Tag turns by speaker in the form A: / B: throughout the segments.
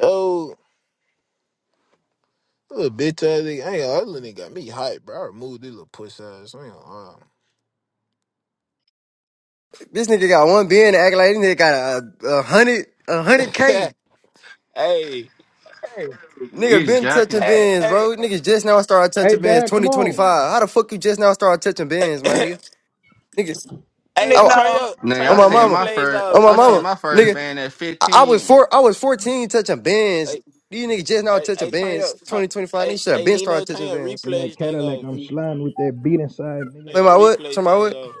A: Oh, little bitch ass nigga. I ain't gonna- lie, that little nigga got me hype, bro. I removed this little puss ass. I ain't gonna lie.
B: This nigga got one bin acting like this nigga got a, a hundred a hundred K.
A: hey, hey,
B: Nigga
C: Niggas
B: been touching
C: jacking.
A: hey,
B: bins,
A: hey,
B: bro. Niggas just now started
D: Hey,
B: touching bins.
D: Dad,
B: Twenty
D: come
B: twenty
D: on.
B: five. How the fuck you just now started touching bins, my nigga? Niggas, I,
A: hey,
B: wa-
A: turn
E: Nino,
A: your
C: Nigga,
B: on
A: turn
C: I
A: the
B: my
C: seen
B: mama,
C: my
A: replays
C: first.
A: off,
B: on my
C: I seen
B: mama,
A: Nino.
C: my first
B: nigga.
C: band at
B: I, I was
C: 15.
B: four. I was fourteen touching bins.
A: Hey,
B: These niggas just now
A: hey,
B: touching
A: hey, turn
B: bins.
A: your turn,
B: Twenty twenty five.
A: hey,
B: Niggas should have
A: hey,
B: been
A: Nino,
B: started
A: turn
B: touching
A: your
B: bins.
D: In
A: replays
D: that
A: thing
D: Cadillac,
A: off.
D: I'm sliding with that beat inside,
A: Turn
D: nigga.
B: Play
A: your
B: my what?
A: replay
B: Turn my
A: thing
B: what?
A: off.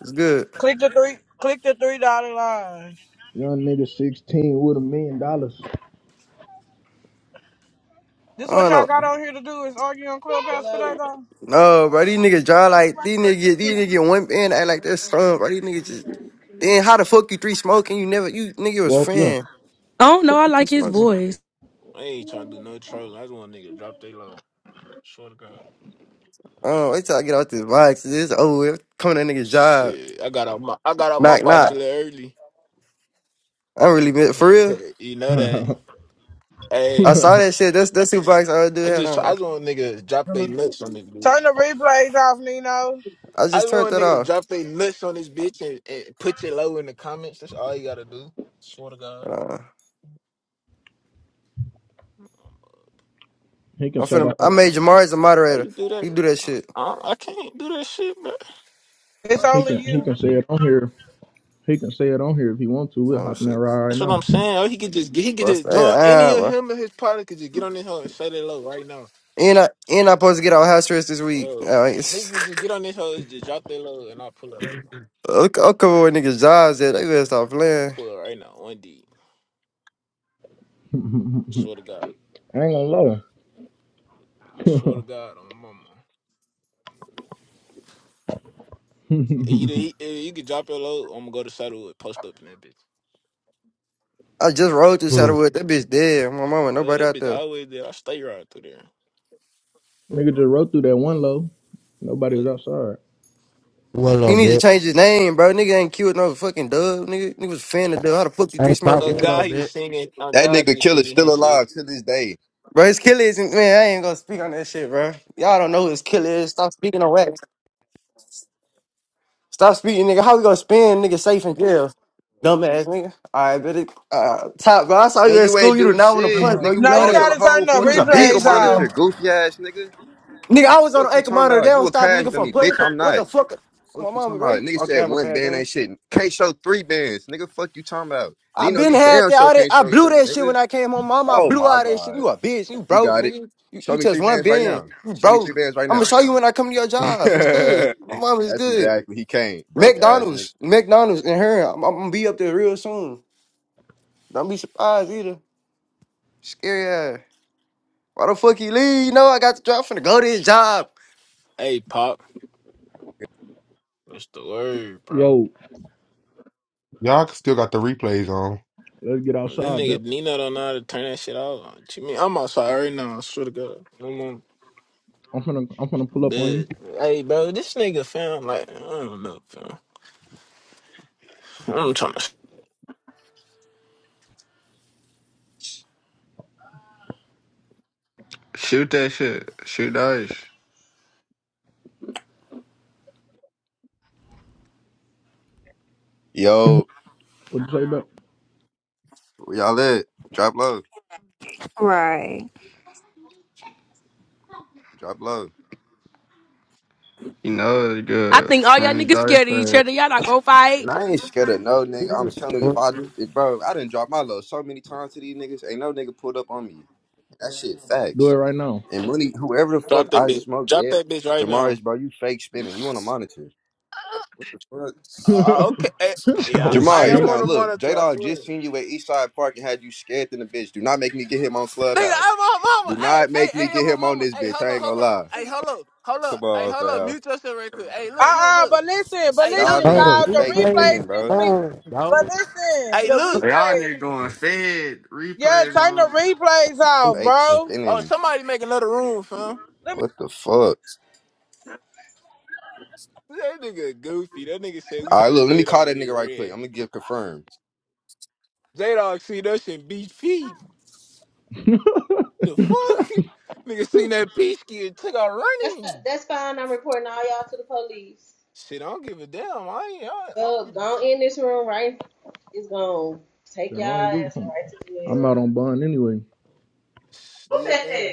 B: It's good.
E: click the three, click the three dollar line.
D: Young nigga, 16 with a million dollars.
E: This
B: I
E: what
B: don't know.
E: y'all got on here to do is argue on Clubhouse today, though.
B: No, bro, these niggas draw like these niggas. These niggas get one and act like that's son, bro. These niggas just. Then how the fuck you three smoking? You never you nigga was
D: Walk up.
B: fan.
F: I don't know.
B: Fuck
F: I
B: you three
F: like his
B: smoking.
F: voice.
A: I ain't trying to do no trolling. I just want nigga to drop their love. Swear to God.
B: Oh, wait till I get out this box. This over with. Come to that nigga's job.
A: Shit, I got out my I got out my
B: Knock
A: box a
B: knock.
A: little early.
B: I am really meant for real.
A: you know that. Hey,
B: I saw that shit. That's that's who box I do
A: I'm
B: had
A: just, I
B: on.
A: just want a nigga to drop they nuts on this bitch.
E: Turn the replays off, Nino.
B: I
A: I
B: just
A: just
B: turned
A: want
B: that
A: a nigga to
B: off.
A: drop they nuts on this bitch and, and put your low in the comments. That's all you gotta do. Swear to God.
B: Uh,
D: he can
B: I'm
D: say
B: finna.
D: that.
B: I
D: out.
B: made Jamari's a
A: How
B: moderator.
A: you do that?
B: He do that shit.
A: I, I can't do that shit, bro.
E: It's
D: He
E: only
D: can. He
E: you.
D: can say it on here. He can say it on here if he wants to. We'll
B: Oh
D: hop in that
B: shit,
D: ride right
A: That's what I'm
D: now.
A: saying. Oh, he could just he could
B: bro.
A: just
B: Stay
A: join any
B: down,
A: of
B: bro.
A: him and his partner could just get on this hoe and say they low right now,
B: And I and I supposed to get out house arrest this week.
A: bro.
B: All right.
A: Nigga could just get on this hoe and just drop their low and I'll pull it right now.
B: I'll, I'll cover where niggas' jobs at. They better stop
A: I'll
B: playing.
A: pull it right now. One D. Swear to God.
D: I ain't gonna lie.
A: I swear to God on my mama. Either
D: nigga
A: he, either you could drop your low, or I'm gonna go to saddle with post up in that bitch.
B: I just rode through
G: Who?
B: Saddlewood. That bitch dead. My mama,
A: Uh,
B: nobody
A: that
B: out
A: bitch
B: there.
A: always there. I stay right through there.
D: just rode through that one low. Nobody was
A: Like,
D: outside.
B: He
G: Willow,
B: needs to
G: bitch.
B: change his name, bro. Nigga ain't cute no fucking dub. Nigga, nigga was a fan of dub. How the fuck you three
G: Hey, pop
A: oh
B: smoking?
G: Willow,
A: God, he was
G: bitch.
A: singing. Oh
H: That
A: God, he
H: nigga
A: was
H: killer
A: singing
H: still
A: his shit.
H: alive to this day.
B: Bro, his killer isn't, man, I ain't gonna speak on that shit, bro. Y'all don't know who his killer is. Stop speaking on wax. Stop speaking, nigga. How we gonna spend nigga safe in jail? Dumbass nigga. Alright, but it, uh, top, bro. I saw you
H: And
B: at
H: you
B: school.
H: ain't
B: You do
H: do
B: not want to
H: shit.
B: punch, bro.
H: Nigga,
B: You
H: we-
E: No,
B: know
H: I
E: you
H: was
B: that.
H: on a
E: gotta turn
H: whole
E: the
B: Nigga, you was a
H: fucking ankle
E: replays
B: bitch, nigga.
H: monitor,
E: off.
H: goofy ass nigga.
B: Nigga, I was on
H: Fuck
B: the
H: you
B: anchor
H: talking
B: monitor. They
H: about? You
B: don't
H: a
B: stop
H: crash
B: nigga from
H: dummy,
B: putting what
H: bitch.
B: the,
H: I'm
B: what
H: not.
B: the fuck?
H: Fuck
B: My
H: you
B: mama,
H: talking
B: bro,
H: about?
B: you
H: Nigga
B: on
H: said
B: camera, cuz,
H: one band
B: nigga.
H: ain't shit. Can't show three bands. Nigga, fuck you talking about?
B: I
H: Nino,
B: been
H: you
B: had
H: damn
B: that.
H: sure
B: All that
H: can't
B: I
H: show
B: blew
H: three,
B: that shit when
H: nigga.
B: I came home. Mama, I
H: Oh
B: blew
H: my
B: all that shit.
H: god.
B: You a bitch. You
H: You
B: broke,
H: got it.
B: nigga. You,
H: Show
B: you
H: me
B: just
H: three
B: one
H: bands right
B: bin.
H: now.
B: You
H: Show me
B: broke.
H: three bands right
B: I'm gonna
H: now.
B: show you when I come to your job. It's good. My mama is
H: That's
B: good.
H: exactly. He can't. Broke ass nigga.
B: McDonald's, McDonald's, and her. I'm, I'm gonna be up there real soon. Don't be surprised either. Scary ass. Why the fuck he leave? You know I got the job. I'm finna go to his job.
A: Hey, pop. What's the word, bro?
D: Yo,
I: Y'all still got the replays on.
D: let's get
A: This
D: outside,
A: nigga
D: Bep.
A: Nino don't know how to turn that shit off. What you mean? I'm outside right now. I swear to God. I'm on
D: I'm finna. I'm finna pull up on you.
A: bed. Hey, bro, this nigga found like I don't know, fam. I'm trying to
C: Shoot that shit. Shoot dice.
H: Yo,
D: What you say, Bep?
H: where y'all at? Drop low.
J: Right.
H: Drop low.
C: You know it's
F: I
C: good.
F: think all y'all
C: Friendly
F: niggas
C: dice.
F: scared of each
C: but-
F: other. Y'all not gonna fight.
H: And I ain't scared of no nigga. I'm telling you, if
G: Hey,
H: I, if, bro, I didn't drop my load so many times to these niggas. Ain't no nigga pulled up on me. That shit
D: Do it
H: facts.
D: right now.
H: And money, whoever the fuck
A: drop that
H: I
A: bitch.
H: smoke
A: Drop
H: dead,
A: that bitch right now.
H: Jamarius, bro, you fake spinning. You want a monitor? What the fuck?
D: Shit,
A: All right, okay. Hey, yeah,
I: Oh
A: I
H: Jamarius,
I: shit.
A: am on
H: now
A: the
H: look, J
A: monitor. I
H: Dog
A: swear.
H: just seen you at Eastside Park and had you scared than a bitch. Do not make me get him on
A: Nigga,
H: Clubhouse.
A: I'm my mama.
H: Do
A: Hey,
H: not
A: hey,
H: make me
A: hey, I'm
H: get
A: my
H: him on
A: mama.
H: this
A: Hey,
H: bitch.
A: hold
H: I
A: up,
H: ain't gonna
A: hold up.
H: lie.
A: Hey, hold up, hold
H: Come
A: up. Hey,
H: on,
A: hold up.
H: fam.
A: Mute yourself right quick. Hey, look,
E: Uh
A: look,
E: uh
A: look.
E: but listen, but
A: Hey,
H: Y'all
E: listen,
A: look.
H: niggas
G: the
H: be
E: y'all, the
H: fake
G: replays is
H: spinning,
E: replays need
H: bro.
E: to be.
G: on,
E: But
G: dog.
E: listen,
A: Hey,
E: the
A: look.
C: Y'all
E: replays.
C: niggas going fed.
E: Yeah,
C: Replays
E: turn the
C: on.
E: replays off,
H: Fake
E: bro.
A: Oh,
H: spinning.
A: somebody make another room, fam.
H: What the fuck?
A: That nigga goofy. That nigga said we
H: All right,
A: see
H: look, let me
A: J
H: call
A: Dog
H: that
A: get
H: nigga right quick. I'm
A: red.
H: gonna give confirm.
A: J Dog see that shit beat feet.
D: I
A: The fuck? nigga seen that peach kid and took out running.
K: That's fine. I'm reporting all y'all to the police.
A: Shit, I don't give a damn. I ain't. I,
K: Up,
A: I
K: Uh,
A: don't give a
K: gone
A: fuck.
K: in this room, right? It's gonna take y'all
D: don't
K: ass
D: do
K: right to
D: I'm
K: jail.
D: out on bond anyway.
A: Still thing.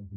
L: and